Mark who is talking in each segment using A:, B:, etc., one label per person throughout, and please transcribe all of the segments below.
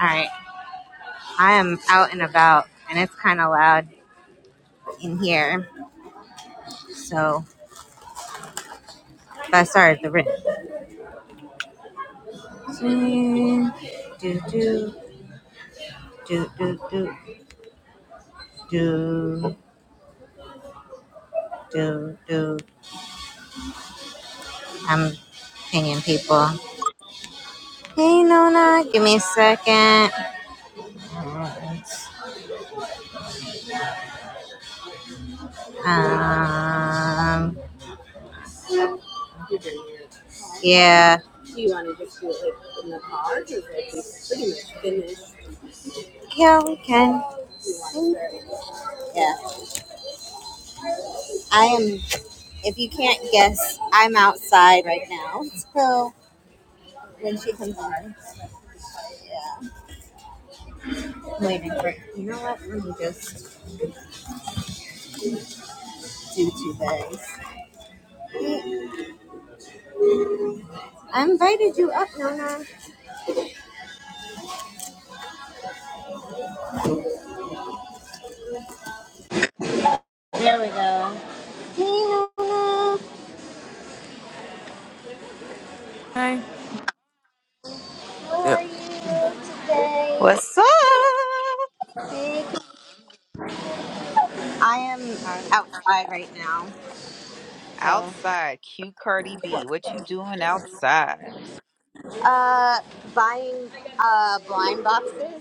A: All right. I am out and about, and it's kind of loud in here. So, but I started the rhythm. Swing, do, do, do, do, do, do, do, do. I'm pinging people. Hey, Nona, give me a second. Um, yeah. Yeah, we can. Yeah. I am, if you can't guess, I'm outside right now. So, when she comes on. Yeah. waiting for you know what? Let me just do two things. I invited you up, Nona. There we go. Hey Nona,
B: I
A: how are you today?
C: What's up?
A: Hey. I am
C: Hi.
A: outside right now, so
C: Outside, cute Cardi B. What you doing outside?
A: uh buying uh blind boxes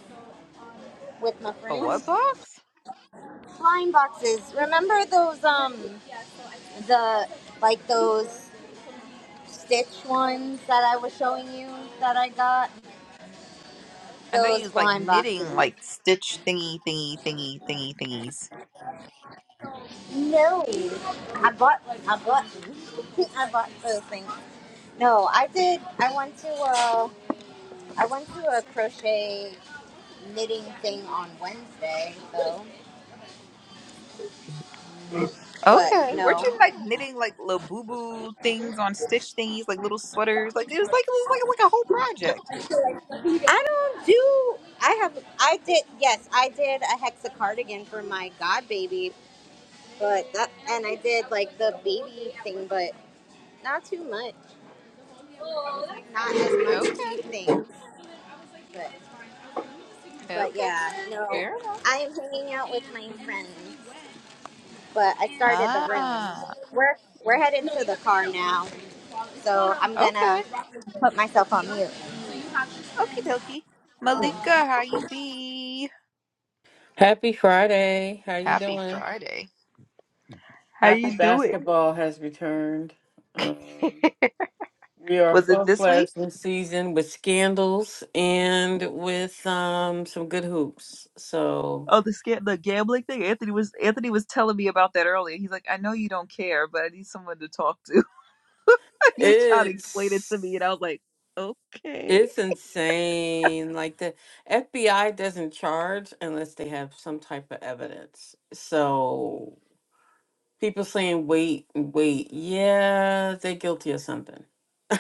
A: with my
C: A what
A: friends.
C: box?
A: Blind boxes. Remember those um the like those stitch ones that I was showing you that I got?
C: I know you
A: Those
C: was like
A: blind
C: knitting,
A: boxes.
C: like stitch thingy, thingy, thingy, thingy, thingies.
A: No, I bought one. I bought. one. I bought those things. No, I did. I went to a. I went to a crochet knitting thing on Wednesday though. But
C: Okay, weren't
A: no,
C: you like knitting like little boo boo things on stitch thingies, like little sweaters? Like it was like it was like like a whole project.
A: I don't do. I have. I did. Yes, I did a hexa cardigan for my god baby. But that and I did like the baby thing, but not too much. Not as much
C: Okay,
A: cute things. But but
C: okay,
A: yeah, no.
C: fair enough.
A: I am hanging out with my friends. but I started the room.
C: Ah,
A: We're we're heading to the car now, so I'm gonna
C: okay,
A: put myself on mute.
C: okie dokie. Malika, how you be?
D: Happy Friday. How you
C: Happy
D: doing?
C: Friday. How
D: Happy
C: you doing?
D: basketball has returned. Um, we are
C: Was it
D: full
C: this week?
D: fledged this season with scandals and with um, some good hoops. So
C: Oh, the sca- the gambling thing. Anthony was Anthony was telling me about that earlier. He's like, I know you don't care, but I need someone to talk to. he was trying to explain it to me, and I
D: it's
C: was like, okay.
D: it's insane. Like the FBI doesn't charge unless they have some type of evidence. So people saying wait and wait. Yeah, they're guilty of something.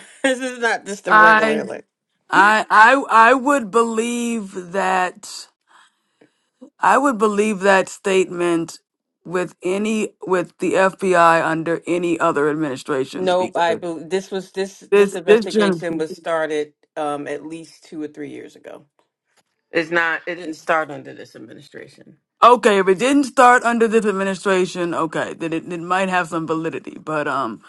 D: this is not just a regular.
B: I
D: like.
B: I I would believe that I would believe that statement with any with the FBI under any other administration
D: Nope, I
B: because
D: bel this was this this
B: this this gen-
D: investigation was started um at least two or three years ago. It's not it didn't start under this administration.
B: okay if it didn't start under this administration okay then it, it might have some validity but um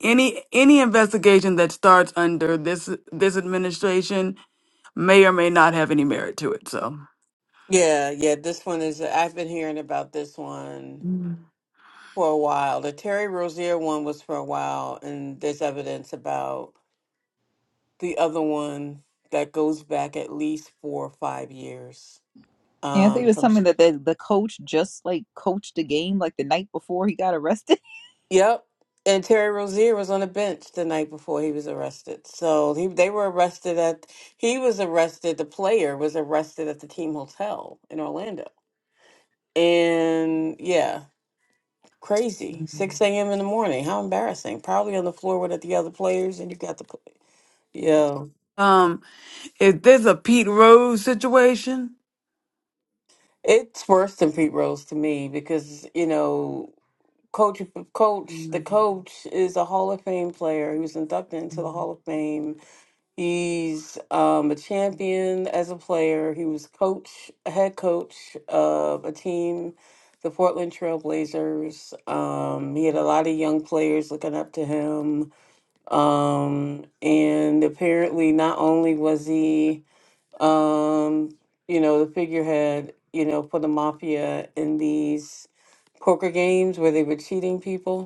B: any any investigation that starts under this this administration may or may not have any merit to it so
D: Yeah, yeah, this one is I've been hearing about this one for a while. The Terry Rozier one was for a while and there's evidence about the other one that goes back at least four or five years.
C: Anthony
D: Um
C: was
D: from
C: something that the the coach just like coached a game like the night before he got arrested.
D: Yep. And Terry Rozier was on the bench the night before he was arrested. So he they were arrested at he was arrested, the player was arrested at the team hotel in Orlando. And yeah, crazy. Six AM in the morning. How embarrassing. Probably on the floor with the other players and you got the pl- Yeah.
B: Um, if there's a Pete Rose situation,
D: It's worse than Pete Rose to me because, you know, coach coach the coach is a Hall of Fame player. He was inducted into the Hall of Fame He's um, a champion as a player. He was coach, a head coach of a team, the Portland Trailblazers. Um, he had a lot of young players looking up to him. Um, and apparently, not only was he, um, you know, the figurehead, you know, for the mafia in these poker games where they were cheating people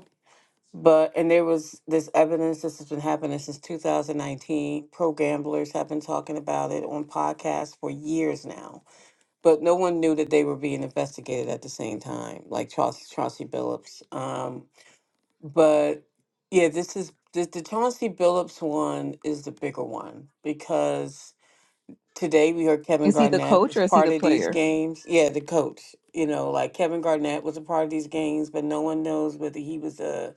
D: but and there was this evidence this has been happening since 2019. Pro gamblers have been talking about it on podcasts for years now, but no one knew that they were being investigated at the same time, like Chauncey, Chauncey Billups. Um, but yeah, this is the, the Chauncey Billups one is the bigger one because today we heard Kevin
C: Is he the
D: Garnett
C: coach or
D: was
C: is he
D: part
C: the
D: of these
C: player?
D: games. Yeah, the coach. You know, like Kevin Garnett was a part of these games, but no one knows whether he was a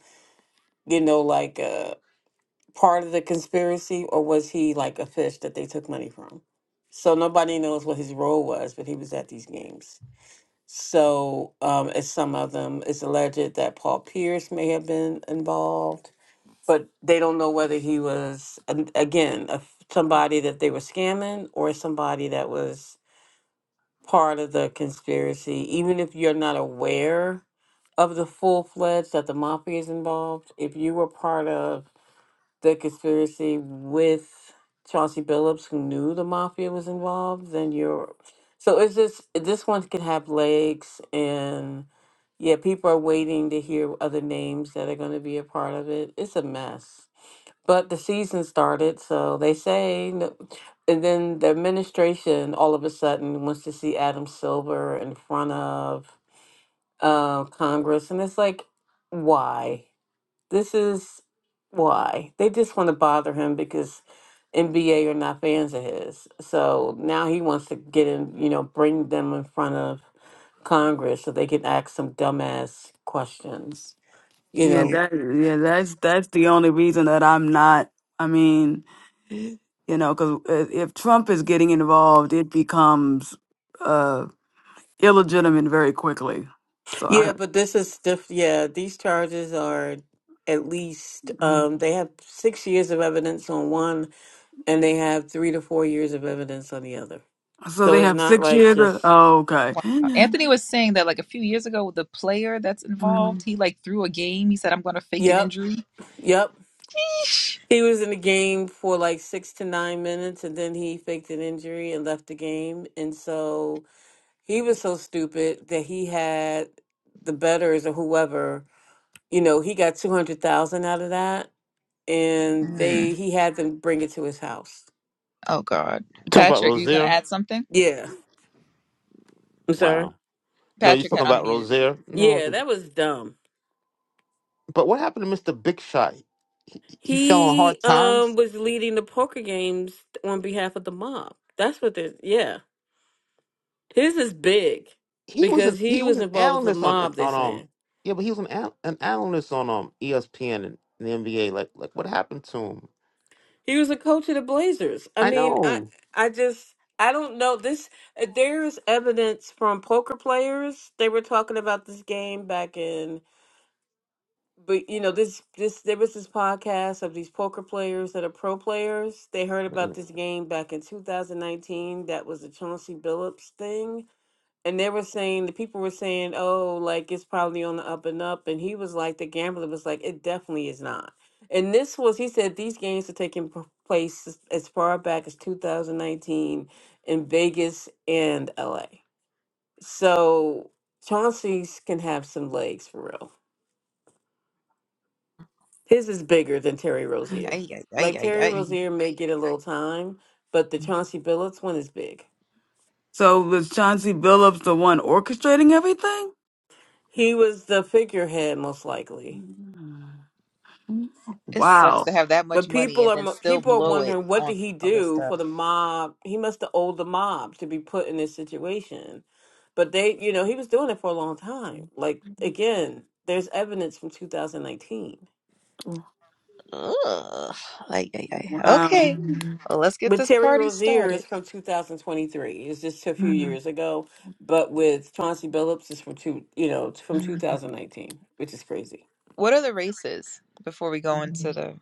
D: you know, like part of the conspiracy or was he like a fish that they took money from? So nobody knows what his role was, but he was at these games. So, um, as some of them, it's alleged that Paul Pierce may have been involved, but they don't know whether he was, an- again, a, somebody that they were scamming or somebody that was part of the conspiracy. Even if you're not aware of the full fledged that the mafia is involved, if you were part of the conspiracy with Chauncey Billups, who knew the mafia was involved, then you're. So it's just this one can have legs, and yeah, people are waiting to hear other names that are going to be a part of it. It's a mess, but the season started, so they say. no- And then the administration all of a sudden wants to see Adam Silver in front of uh, Congress, and it's like, why? This is why they just want to bother him because NBA are not fans of his. So now he wants to get in, you know, bring them in front of Congress so they can ask some dumbass questions. You
B: yeah,
D: know, yeah,
B: that yeah, that's that's the only reason that I'm not. I mean, you know, because if Trump is getting involved, it becomes uh illegitimate very quickly. So I,
D: Yeah, but this is diff- yeah, these charges are at least um they have 6 years of evidence on one and they have 3 to 4 years of evidence on the other.
B: so
D: So
B: they
D: it's
B: have
D: not
B: six
D: like
B: years. Of,
D: just
B: oh, okay.
C: Wow. Anthony was saying that like a few years ago, the player that's involved, he like threw a game. He said, "I'm going to fake an
D: yep,
C: injury."
D: yep,
C: Yeesh.
D: He was in the game for like six to nine minutes and then he faked an injury and left the game. And so he was so stupid that he had the betters or whoever, you know, he got 200,000 out of that and they he had them bring it to his house.
C: Oh God,
E: You talking about
C: Patrick, you gonna
E: Rozier?
C: add something?
D: Yeah. I'm sorry.
E: Wow. No, you
C: Patrick had
E: talking about
C: unmuted.
E: Rozier? No.
D: Yeah, that was dumb.
E: But what happened to Mr. Big Shot? He fell on
D: He
E: hard
D: um
E: times.
D: was leading the poker games on behalf of the mob. That's what this yeah. His is big
E: He was an
D: because
E: he
D: he
E: was
D: was
E: an
D: involved with the
E: analyst on
D: mob, they're
E: on um
D: saying.
E: yeah, but he was an an, an analyst on um ESPN and the NBA. Like like what happened to him?
D: He was a coach of the Blazers. I
E: I
D: mean, I
E: know.
D: I just I don't know this. uh, There's evidence from poker players. They were talking about this game back in, but you know this this there was this podcast of these poker players that are pro players. They heard about
E: Mm,
D: this game back in 2019. That was the Chauncey Billups thing and they were saying the people were saying, "Oh, like it's probably on the up and up," and he was like, "The gambler was like, it definitely is not." And this was, he said, these games are taking p- place as as far back as 2019 in Vegas and LA. So Chauncey's can have some legs for real. His is bigger than Terry Rozier.
C: Ay, ay, ay,
D: Like
C: ay,
D: Terry
C: ay.
D: Rozier may get a little time, but the Chauncey Billups one is big.
B: So was Chauncey Billups the one orchestrating everything?
D: He was the figurehead most likely
C: It sucks
B: Wow.
C: to have that much
D: But
C: money
D: people
C: and then
D: are
C: still
D: people are
C: blow it
D: wondering what did
C: on
D: he
C: other
D: do for
C: stuff.
D: the mob? He must have owed the mob to be put in this situation. But they, you know, he was doing it for a long time. Like again, there's evidence from 2019.
C: Ugh. Ay, ay, ay. Okay,
B: Wow.
C: well, let's get
D: But
C: this
D: Terry
C: party
D: Rozier
C: started.
D: is from 2023. It's just a few years ago. But with Chauncey Billups is from two, you know, from 2019, which is crazy.
C: What are the races before we go into the
B: Yeah,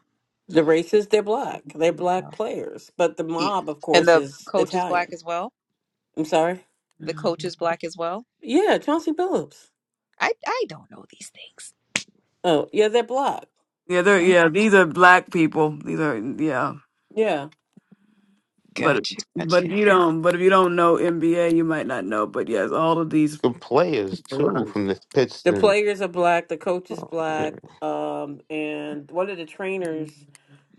D: The races, they're black. They're
C: uh,
D: black players. But the
C: e-
D: mob, of
C: and
D: course,
C: the
D: is
C: coach is black
D: Italian.
C: as well?
D: I'm sorry.
C: The coach is black as well.
D: Yeah, Chauncey Billups.
C: I I don't know these things.
D: Oh, yeah, they're black.
B: they're
C: Oh,
B: yeah, these are black people. These are yeah.
D: Yeah.
B: But
C: gotcha,
B: but if
C: gotcha.
B: you don't but if you don't know NBA, you might not know. But yes, all of these
E: Good players too from the
D: The
E: Pistons.
D: players are black, the coach is
E: Oh,
D: black,
E: man.
D: um, and one of the trainers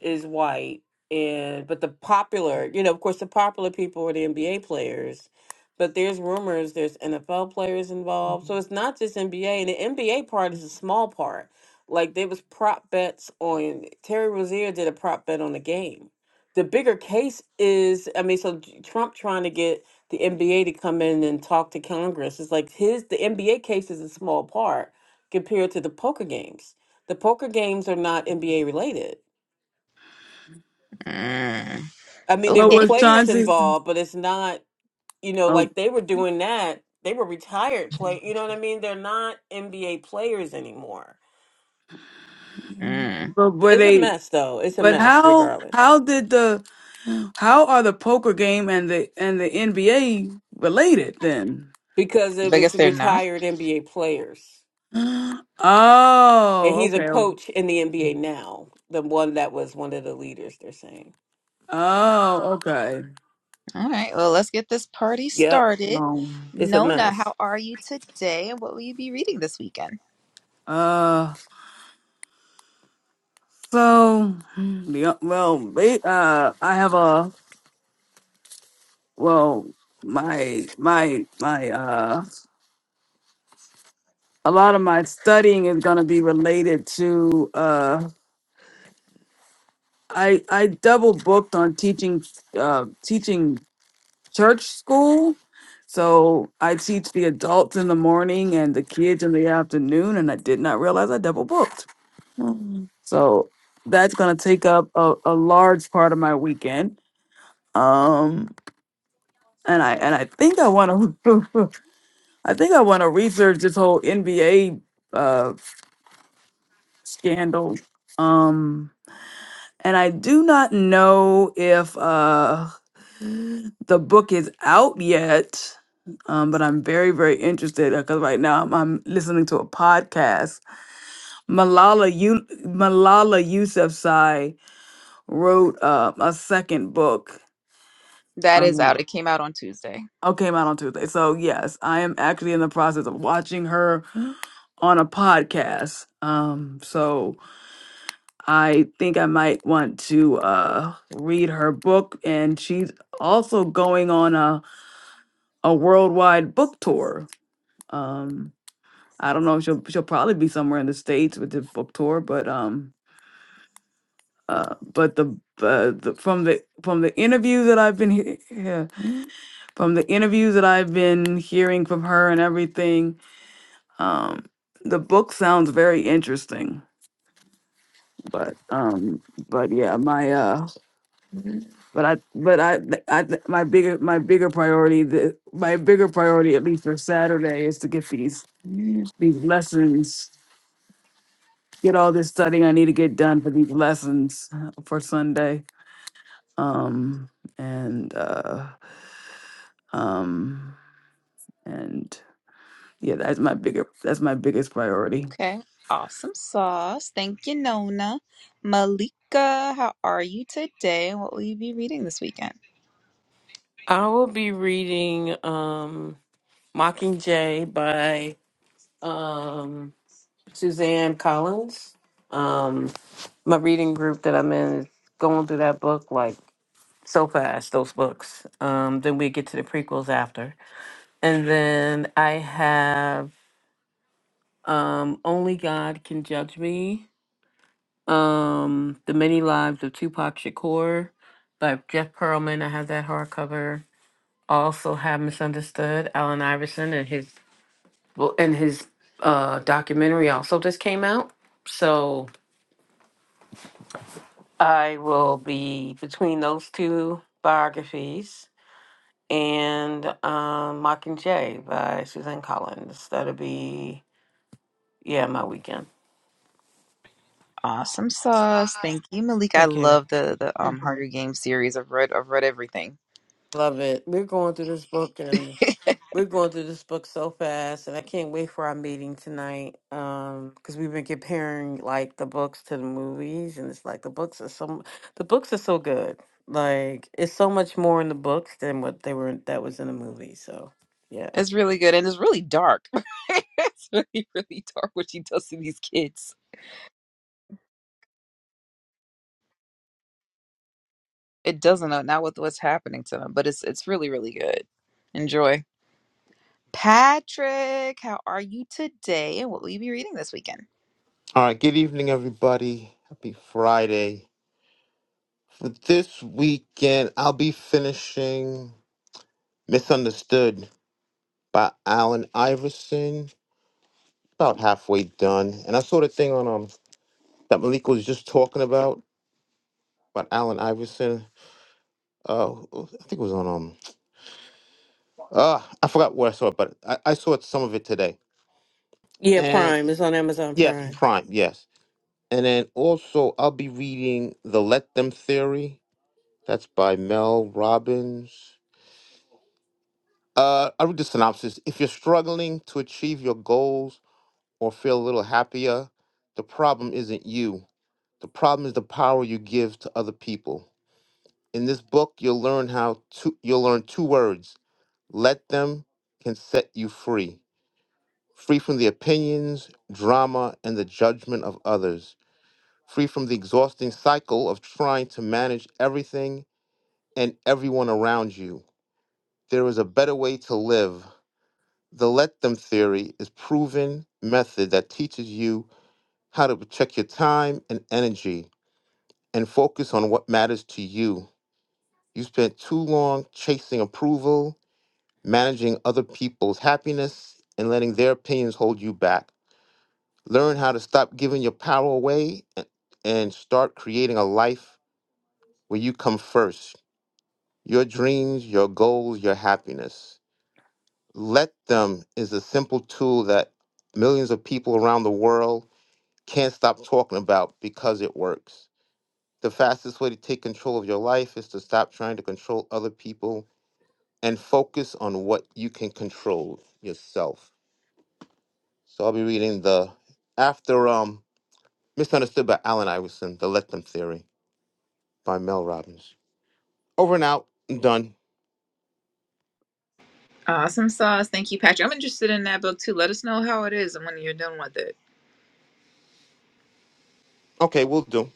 D: is white. And but the popular, you know, of course the popular people are the NBA players, but there's rumors there's NFL players involved. So it's not just NBA and the NBA part is a small part. Like there was prop bets on Terry Rozier did a prop bet on the game. The bigger case is I mean, so Trump trying to get the NBA to come in and talk to Congress. It's like his the NBA case is a small part compared to the poker games. The poker games are not NBA related.
C: Mm,
D: I mean, there
B: But
D: were
C: okay.
B: was
D: players
B: Chauncey
D: involved, but it's not, you know,
B: oh
D: like they were doing that. They were retired play, you know what I mean? They're not NBA players anymore.
C: Mm.
B: but were
D: It's a
B: they
D: mess though. It's a
B: but
D: mess
B: how
D: regardless.
B: how did the how are the poker game and the and the NBA related then?
D: Because it
C: But I
D: was
C: guess they're not.
D: retired NBA players. And
B: Oh,
D: he's a
B: okay. okay.
D: coach in the NBA now, the one that was one of the leaders, they're saying.
B: Oh, okay.
C: All right, well, let's get this party
D: Yep.
C: started.
B: Um,
D: It's a
C: Nona,
D: mess.
C: how are you today? And what will you be reading this weekend?
B: uh So, yeah, well, ba- uh, I have a well, my my my uh, a lot of my studying is going to be related to uh, I I double booked on teaching uh, teaching church school. So I teach the adults in the morning and the kids in the afternoon, and I did not realize I double booked. So that's going to take up a, a large part of my weekend. Um, and I and I think I want to I think I want to research this whole NBA uh scandal. Um and I do not know if uh the book is out yet. Um, but I'm very, very interested because right now I'm, I'm listening to a podcast. Malala U Malala Yousafzai wrote uh, a second book.
C: That is out.
B: Um,
C: It came out on Tuesday.
B: oh, came out on Tuesday. So yes, I am actually in the process of watching her on a podcast. Um, so I think I might want to uh, read her book, and she's also going on a, a worldwide book tour. Um, I don't know if she'll she'll probably be somewhere in the states with the book tour, but um, uh, but the, uh, the from the from the interview that I've been he- yeah, from the interviews that I've been hearing from her and everything, um, the book sounds very interesting. but um but yeah my uh but i but i i my bigger my bigger priority the my bigger priority at least for saturday is to get these these lessons get all this studying i need to get done for these lessons uh, for sunday um and uh um and yeah that's my bigger that's my biggest priority
C: Okay, awesome sauce. Thank you, Nona. Malika, how are you today? And what will you be reading this weekend?
D: I will be reading um, Mockingjay by um, Suzanne Collins. Um, my reading group that I'm in is going through that book like so fast, those books. Um, then we get to the prequels after. And then I have um, Only God Can Judge Me, um, The Many Lives of Tupac Shakur by Jeff Pearlman. I have that hardcover also have misunderstood Allen Iverson and his well and his uh documentary also just came out. So I will be between those two biographies and um Mockingjay by Suzanne Collins. That'll be yeah, my weekend.
C: Awesome sauce. Thank you, Malik. I
D: Thank you.
C: love the the um Hunger Games series. I've read I've read everything.
D: Love it. We're going through this book and We're going through this book so fast, and I can't wait for our meeting tonight. Um, because we've been comparing like the books to the movies, and it's like the books are so the books are so good. Like it's so much more in the books than what they were that was in the movie. So yeah,
C: It's really good and it's really dark. it's really, really dark what she does to these kids. It doesn't know not what what's happening to them, but it's it's really, really good. Enjoy. Patrick, how are you today? And what will you be reading this weekend?
E: All right. Good evening, everybody. Happy Friday. For this weekend, I'll be finishing Misunderstood by Allen Iverson, about halfway done. And I saw the thing on um that Malik was just talking about about Allen Iverson. Uh, I think it was on um uh I forgot where I saw it, but I, I saw it, some of it today.
D: yeah.
E: And
D: Prime is on Amazon
E: yes,
D: Prime.
E: Prime, yes. And then also I'll be reading The Let Them Theory. That's by Mel Robbins. Uh, I read the synopsis. If you're struggling to achieve your goals or feel a little happier, the problem isn't you. The problem is the power you give to other people. In this book, you'll learn how to you'll learn two words. Let them can set you free. Free from the opinions, drama, and the judgment of others. Free from the exhausting cycle of trying to manage everything and everyone around you. There is a better way to live. The let them theory is proven method that teaches you how to protect your time and energy and focus on what matters to you You spent too long chasing approval, managing other people's happiness, and letting their opinions hold you back. Learn how to stop giving your power away a- and start creating a life where you come first. Your dreams, your goals, your happiness. Let them is a simple tool that millions of people around the world can't stop talking about because it works. The fastest way to take control of your life is to stop trying to control other people and focus on what you can control yourself. So I'll be reading the after um misunderstood by Alan Iverson, the Let Them Theory by Mel Robbins. Over and out, I'm done.
C: Awesome sauce. Thank you, Patrick. I'm interested in that book too. Let us know how it is and when you're done with it.
E: Okay, we'll do.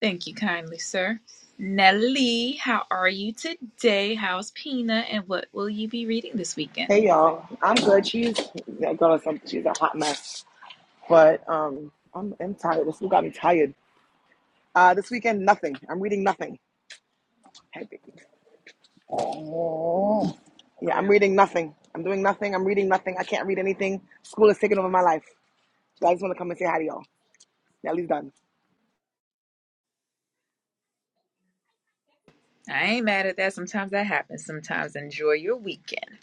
C: Thank you kindly, sir. Nellie, how are you today? How's Pina? And what will you be reading this weekend?
F: Hey y'all, I'm good. She's that girl is some, she's a hot mess, but um, I'm, I'm tired. This week got me tired. Uh, this weekend nothing. I'm reading nothing. Hey, baby. Yeah, I'm reading nothing. I'm doing nothing. I'm reading nothing. I can't read anything. School is taking over my life. So I just want to come and say hi to y'all. Nelly's done.
C: I ain't mad at that. Sometimes that happens. Sometimes enjoy your weekend.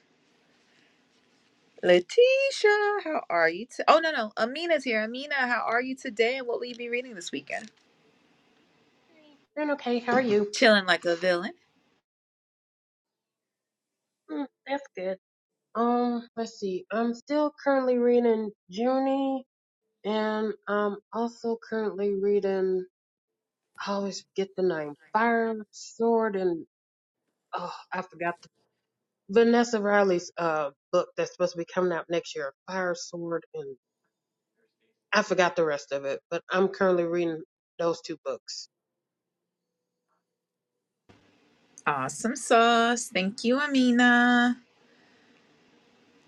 C: Letitia, how are you? To- oh, no, no. Amina's here. Amina, how are you today? And what will you be reading this weekend?
G: Hey, I'm okay. How are you?
C: Chilling like a villain.
G: Mm, that's good. Um, let's see. I'm still currently reading Junie, and I'm also currently reading. I always forget the name. Fire Sword, and oh, I forgot the Vanessa Riley's uh book that's supposed to be coming out next year. Fire Sword, and I forgot the rest of it. But I'm currently reading those two books.
C: Awesome sauce. Thank you, Amina.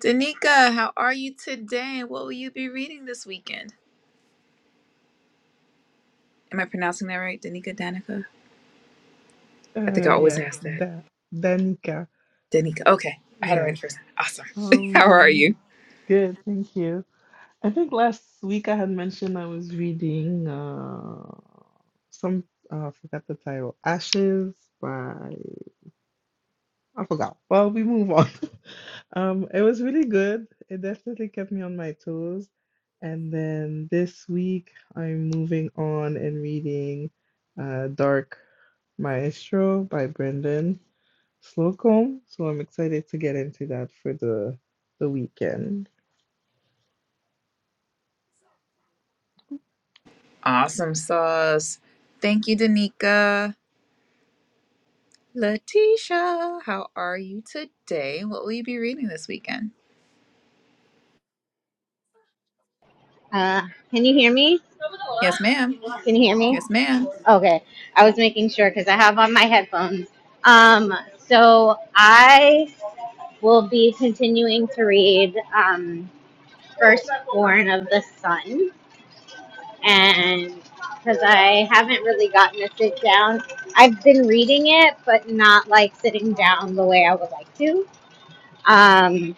C: Danica, how are you today? And what will you be reading this weekend? Am I pronouncing that right? Danica, Danica? I think I
H: Uh,
C: always
H: yes,
C: ask that.
H: da Danica.
C: Danica. Okay, I had it right
H: Yes.
C: the first time. Awesome. How are
H: Um,
C: you?
H: good, thank you. I think last week I had mentioned I was reading uh some uh, I forgot the title. Ashes by I forgot. Well, we move on. Um, it was really good. It definitely kept me on my toes. And then this week I'm moving on and reading uh Dark Maestro by Brendan. Slocum. So I'm excited to get into that for the the weekend.
C: Awesome sauce. Thank you, Danica. Letitia, how are you today? What will you be reading this weekend?
A: Uh, can you hear me?
C: Yes, ma'am.
A: Can you hear me?
C: Yes, ma'am.
A: Okay, I was making sure because I have on my headphones. Um, so I will be continuing to read um, Firstborn of the Sun, and because I haven't really gotten to sit down, I've been reading it, but not like sitting down the way I would like to. Um,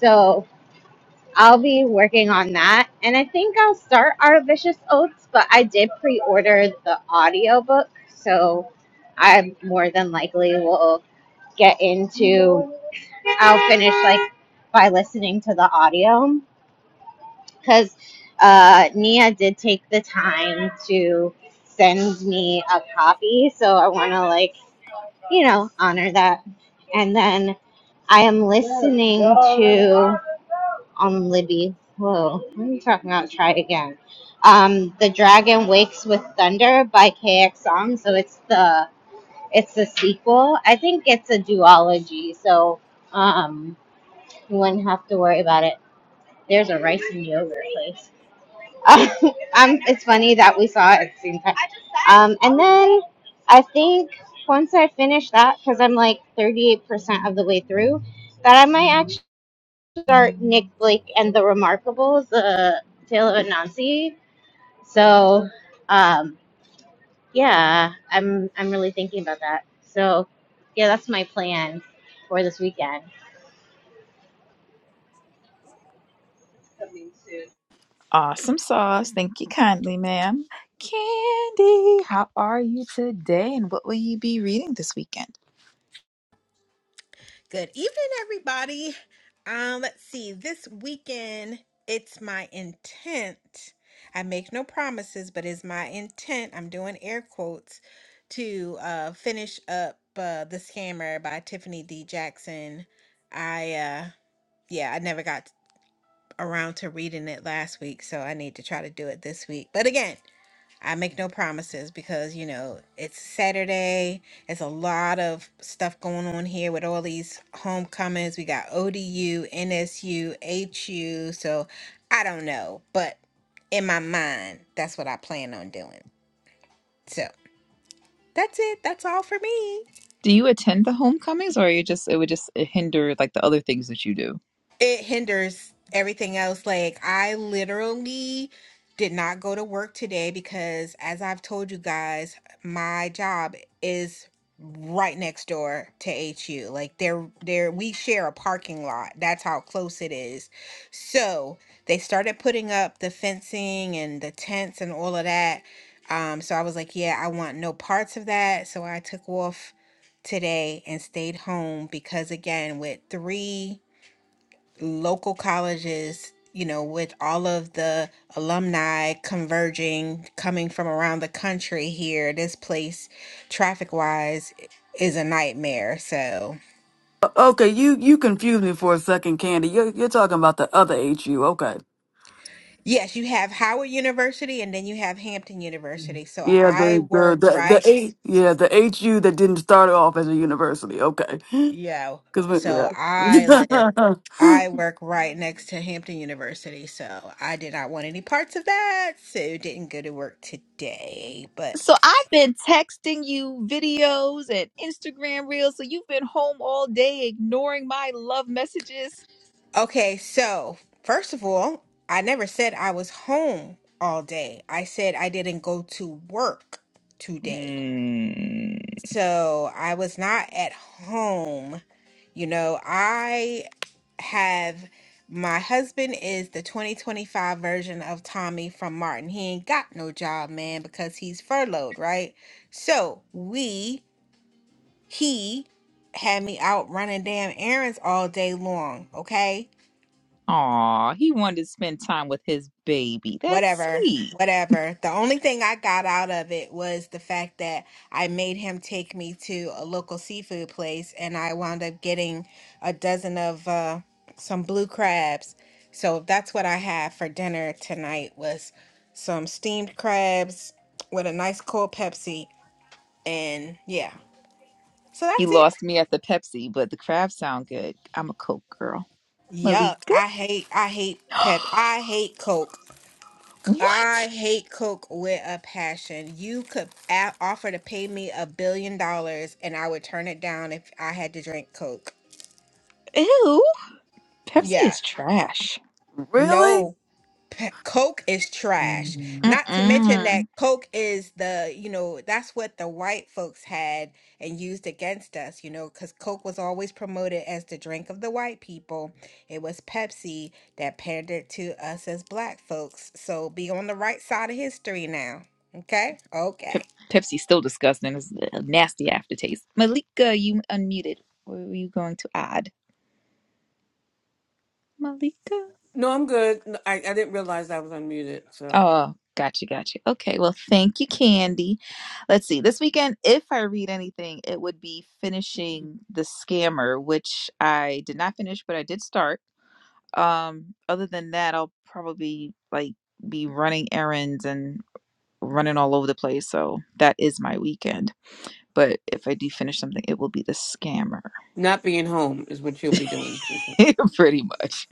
A: So I'll be working on that. And I think I'll start Our Vicious Oats, but I did pre order the audiobook. So I more than likely will get into, I'll finish like by listening to the audio. Because uh, Nia did take the time to send me a copy. So I want to like, you know, honor that. And then I am listening to. On Libby. Whoa, let me talk about try again. Um The Dragon Wakes with Thunder by KX Song. So it's the it's the sequel. I think it's a duology, so um you wouldn't have to worry about it. There's a rice and yogurt place. um it's funny that we saw it at the same time. Um and then I think once I finish that, because I'm like 38% of the way through, that I might start Nick Blake and the Remarkables, uh, Tale of Anansi. So, um, yeah, I'm I'm really thinking about that. So, yeah, that's my plan for this weekend.
C: Awesome sauce. Thank you kindly, ma'am. Candy, how are you today? And what will you be reading this weekend?
I: Good evening, everybody. Um, let's see. This weekend, it's my intent. I make no promises, but it's my intent. I'm doing air quotes to uh, finish up uh, the scammer by Tiffany D. Jackson. I uh, yeah, I never got around to reading it last week, so I need to try to do it this week. But again. I make no promises because, you know, it's Saturday. It's a lot of stuff going on here with all these homecomings. We got ODU, NSU, HU. So I don't know. But in my mind, that's what I plan on doing. So that's it. That's all for me.
C: Do you attend the homecomings, or are you just it would just hinder like the other things that you do?
I: it hinders everything else. Like I literally did not go to work today because as I've told you guys, my job is right next door to HU. Like they're they're we share a parking lot. That's how close it is. So they started putting up the fencing and the tents and all of that. Um, so I was like, yeah, I want no parts of that. So I took off today and stayed home because again, with three local colleges, you know, with all of the alumni converging, coming from around the country here, this place, traffic wise, is a nightmare. So,
B: O- okay you you confused me for a second candy you're, you're talking about the other hu okay
I: yes, you have Howard University and then you have Hampton University. So,
B: Yeah,
I: I
B: the the
I: work
B: the the
I: right,
B: eight yeah the HU that didn't start off as a university. Okay,
I: yeah.
B: because
I: So,
B: yeah.
I: I live, I work right next to Hampton University. So, I did not want any parts of that. So, didn't go to work today, but.
C: So I've been texting you videos and Instagram reels. So you've been home all day ignoring my love messages.
I: Okay, so first of all, I never said I was home all day. I said I didn't go to work today.
C: Hmm.
I: So I was not at home. You know, I have my husband is the 2025 version of Tommy from Martin. He ain't got no job, man, because he's furloughed, right? So we, he had me out running damn errands all day long, okay?
C: Aw, he wanted to spend time with his baby. That's
I: whatever,
C: sweet.
I: whatever. The only thing I got out of it was the fact that I made him take me to a local seafood place and I wound up getting a dozen of uh, some blue crabs. So that's what I had for dinner tonight was some steamed crabs with a nice cold Pepsi and yeah. So
C: He
I: that's it.
C: lost me at the Pepsi, but the crabs sound good. I'm a Coke girl.
I: Yuck.
C: Malika?
I: I hate I hate pep. I hate Coke. I
C: what?
I: hate Coke with a passion. You could a- offer to pay me a billion dollars and I would turn it down if I had to drink Coke.
C: Ew. Pepsi
I: Yeah.
C: is trash.
B: really,
I: No. p- Coke is trash. Not to mention that
C: Mm-mm.
I: Coke is the, you know, that's what the white folks had and used against us, you know, because Coke was always promoted as the drink of the white people. It was Pepsi that pandered to us as black folks. So be on the right side of history now. Okay? Okay.
C: Pepsi's still disgusting. It's a nasty aftertaste. Malika, you unmuted. What were you going to add? Malika?
D: No, I'm good. N- I I didn't realize I was unmuted. So
C: Oh, gotcha, gotcha. Okay, well, thank you, Candy. Let's see. This weekend, if I read anything, it would be finishing The Scammer, which I did not finish, but I did start. Um, other than that, I'll probably like be running errands and running all over the place. So that is my weekend. But if I do finish something, it will be The Scammer,
D: not being home is what you'll be doing.
C: pretty much,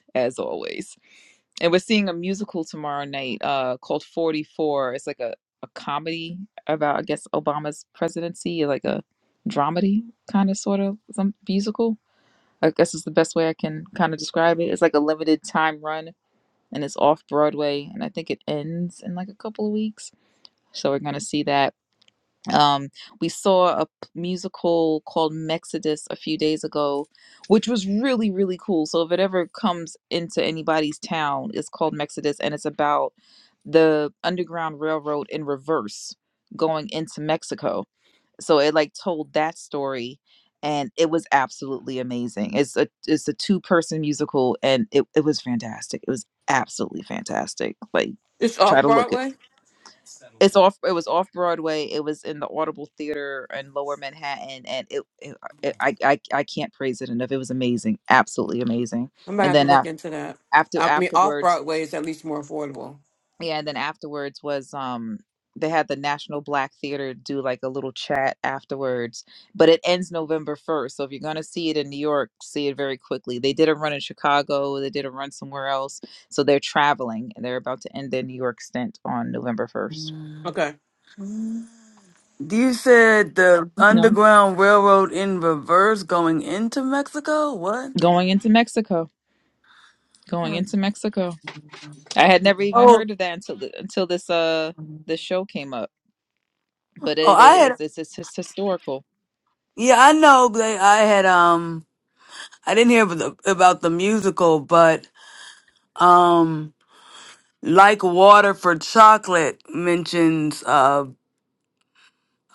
C: as always. and we're seeing a musical tomorrow night uh called 44 it's like a, a comedy about i guess obama's presidency like a dramedy kind of sort of some musical i guess is the best way i can kind of describe it it's like a limited time run and it's off broadway and i think it ends in like a couple of weeks so we're gonna see that um, we saw a p- musical called Mexodus a few days ago, which was really, really cool. So if it ever comes into anybody's town, it's called Mexodus and it's about the Underground Railroad in reverse going into Mexico. So it like told that story and it was absolutely amazing. It's a it's a two person musical and it, it was fantastic. It was absolutely fantastic. Like
D: It's
C: try
D: off
C: to look it
D: Broadway.
C: it's off it was off broadway it was in the audible theater in lower manhattan and it, it, it I, I i can't praise it enough it was amazing absolutely amazing
D: I'm gonna
C: and
D: have to
C: then
D: look
C: af-
D: into that.
C: after
D: I mean, off
C: afterwards
D: Broadway is at least more affordable.
C: yeah and then afterwards was um they had the national black theater do like a little chat afterwards but it ends november 1st so if you're going to see it in new york see it very quickly they did a run in chicago they did a run somewhere else so they're traveling and they're about to end their new york stint on november 1st
B: you said the
C: no
B: Underground Railroad in reverse going into Mexico. What?
C: going into mexico going into Mexico. I had never even
B: Oh,
C: heard of that until the, until this uh
B: oh,
C: this show came up. But it, they
B: I had
C: it's, it's it's historical.
B: yeah, I know. They, I had um, I didn't hear about the, about the musical, but um, like water for chocolate mentions uh,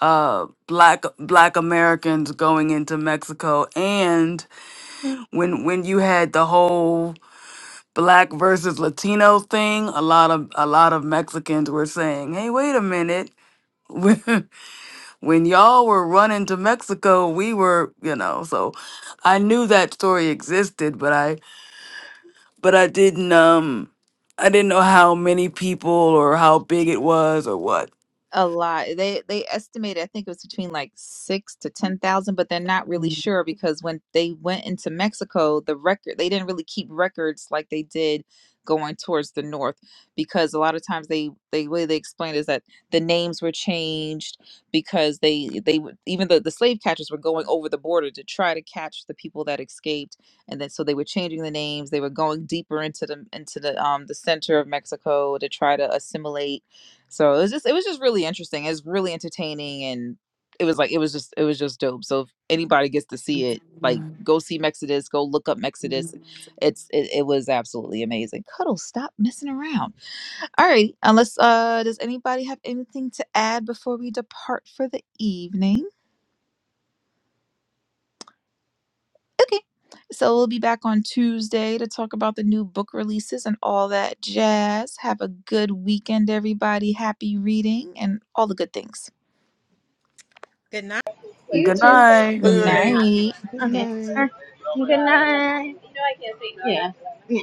B: uh black black Americans going into Mexico and when when you had the whole black versus Latino thing, a lot of a lot of Mexicans were saying, "Hey, wait a minute. When, when y'all were running to Mexico, we were, you know." So I knew that story existed, but I but I didn't um I didn't know how many people or how big it was or what.
C: a lot. They they estimated, I think it was between like six to ten thousand, but they're not really sure because when they went into Mexico, the record they didn't really keep records like they did going towards the north because a lot of times they they way they explained is that the names were changed because they they would even the, the slave catchers were going over the border to try to catch the people that escaped and then so they were changing the names they were going deeper into the into the um the center of mexico to try to assimilate so it was just it was just really interesting. It was really entertaining and it was like it was just it was just dope. So if anybody gets to see it, like go see Mexodus, go look up Mexodus. It's it, it was absolutely amazing. Cuddle, stop messing around. All right, unless uh does anybody have anything to add before we depart for the evening? Okay. So we'll be back on Tuesday to talk about the new book releases and all that jazz. Have a good weekend, everybody. Happy reading and all the good things.
I: Good night.
A: You
B: Good
A: too.
C: Good
B: night.
D: Okay.
C: night.
H: Good
A: Okay.
H: night.
A: All right. Good night. Yeah. Yeah.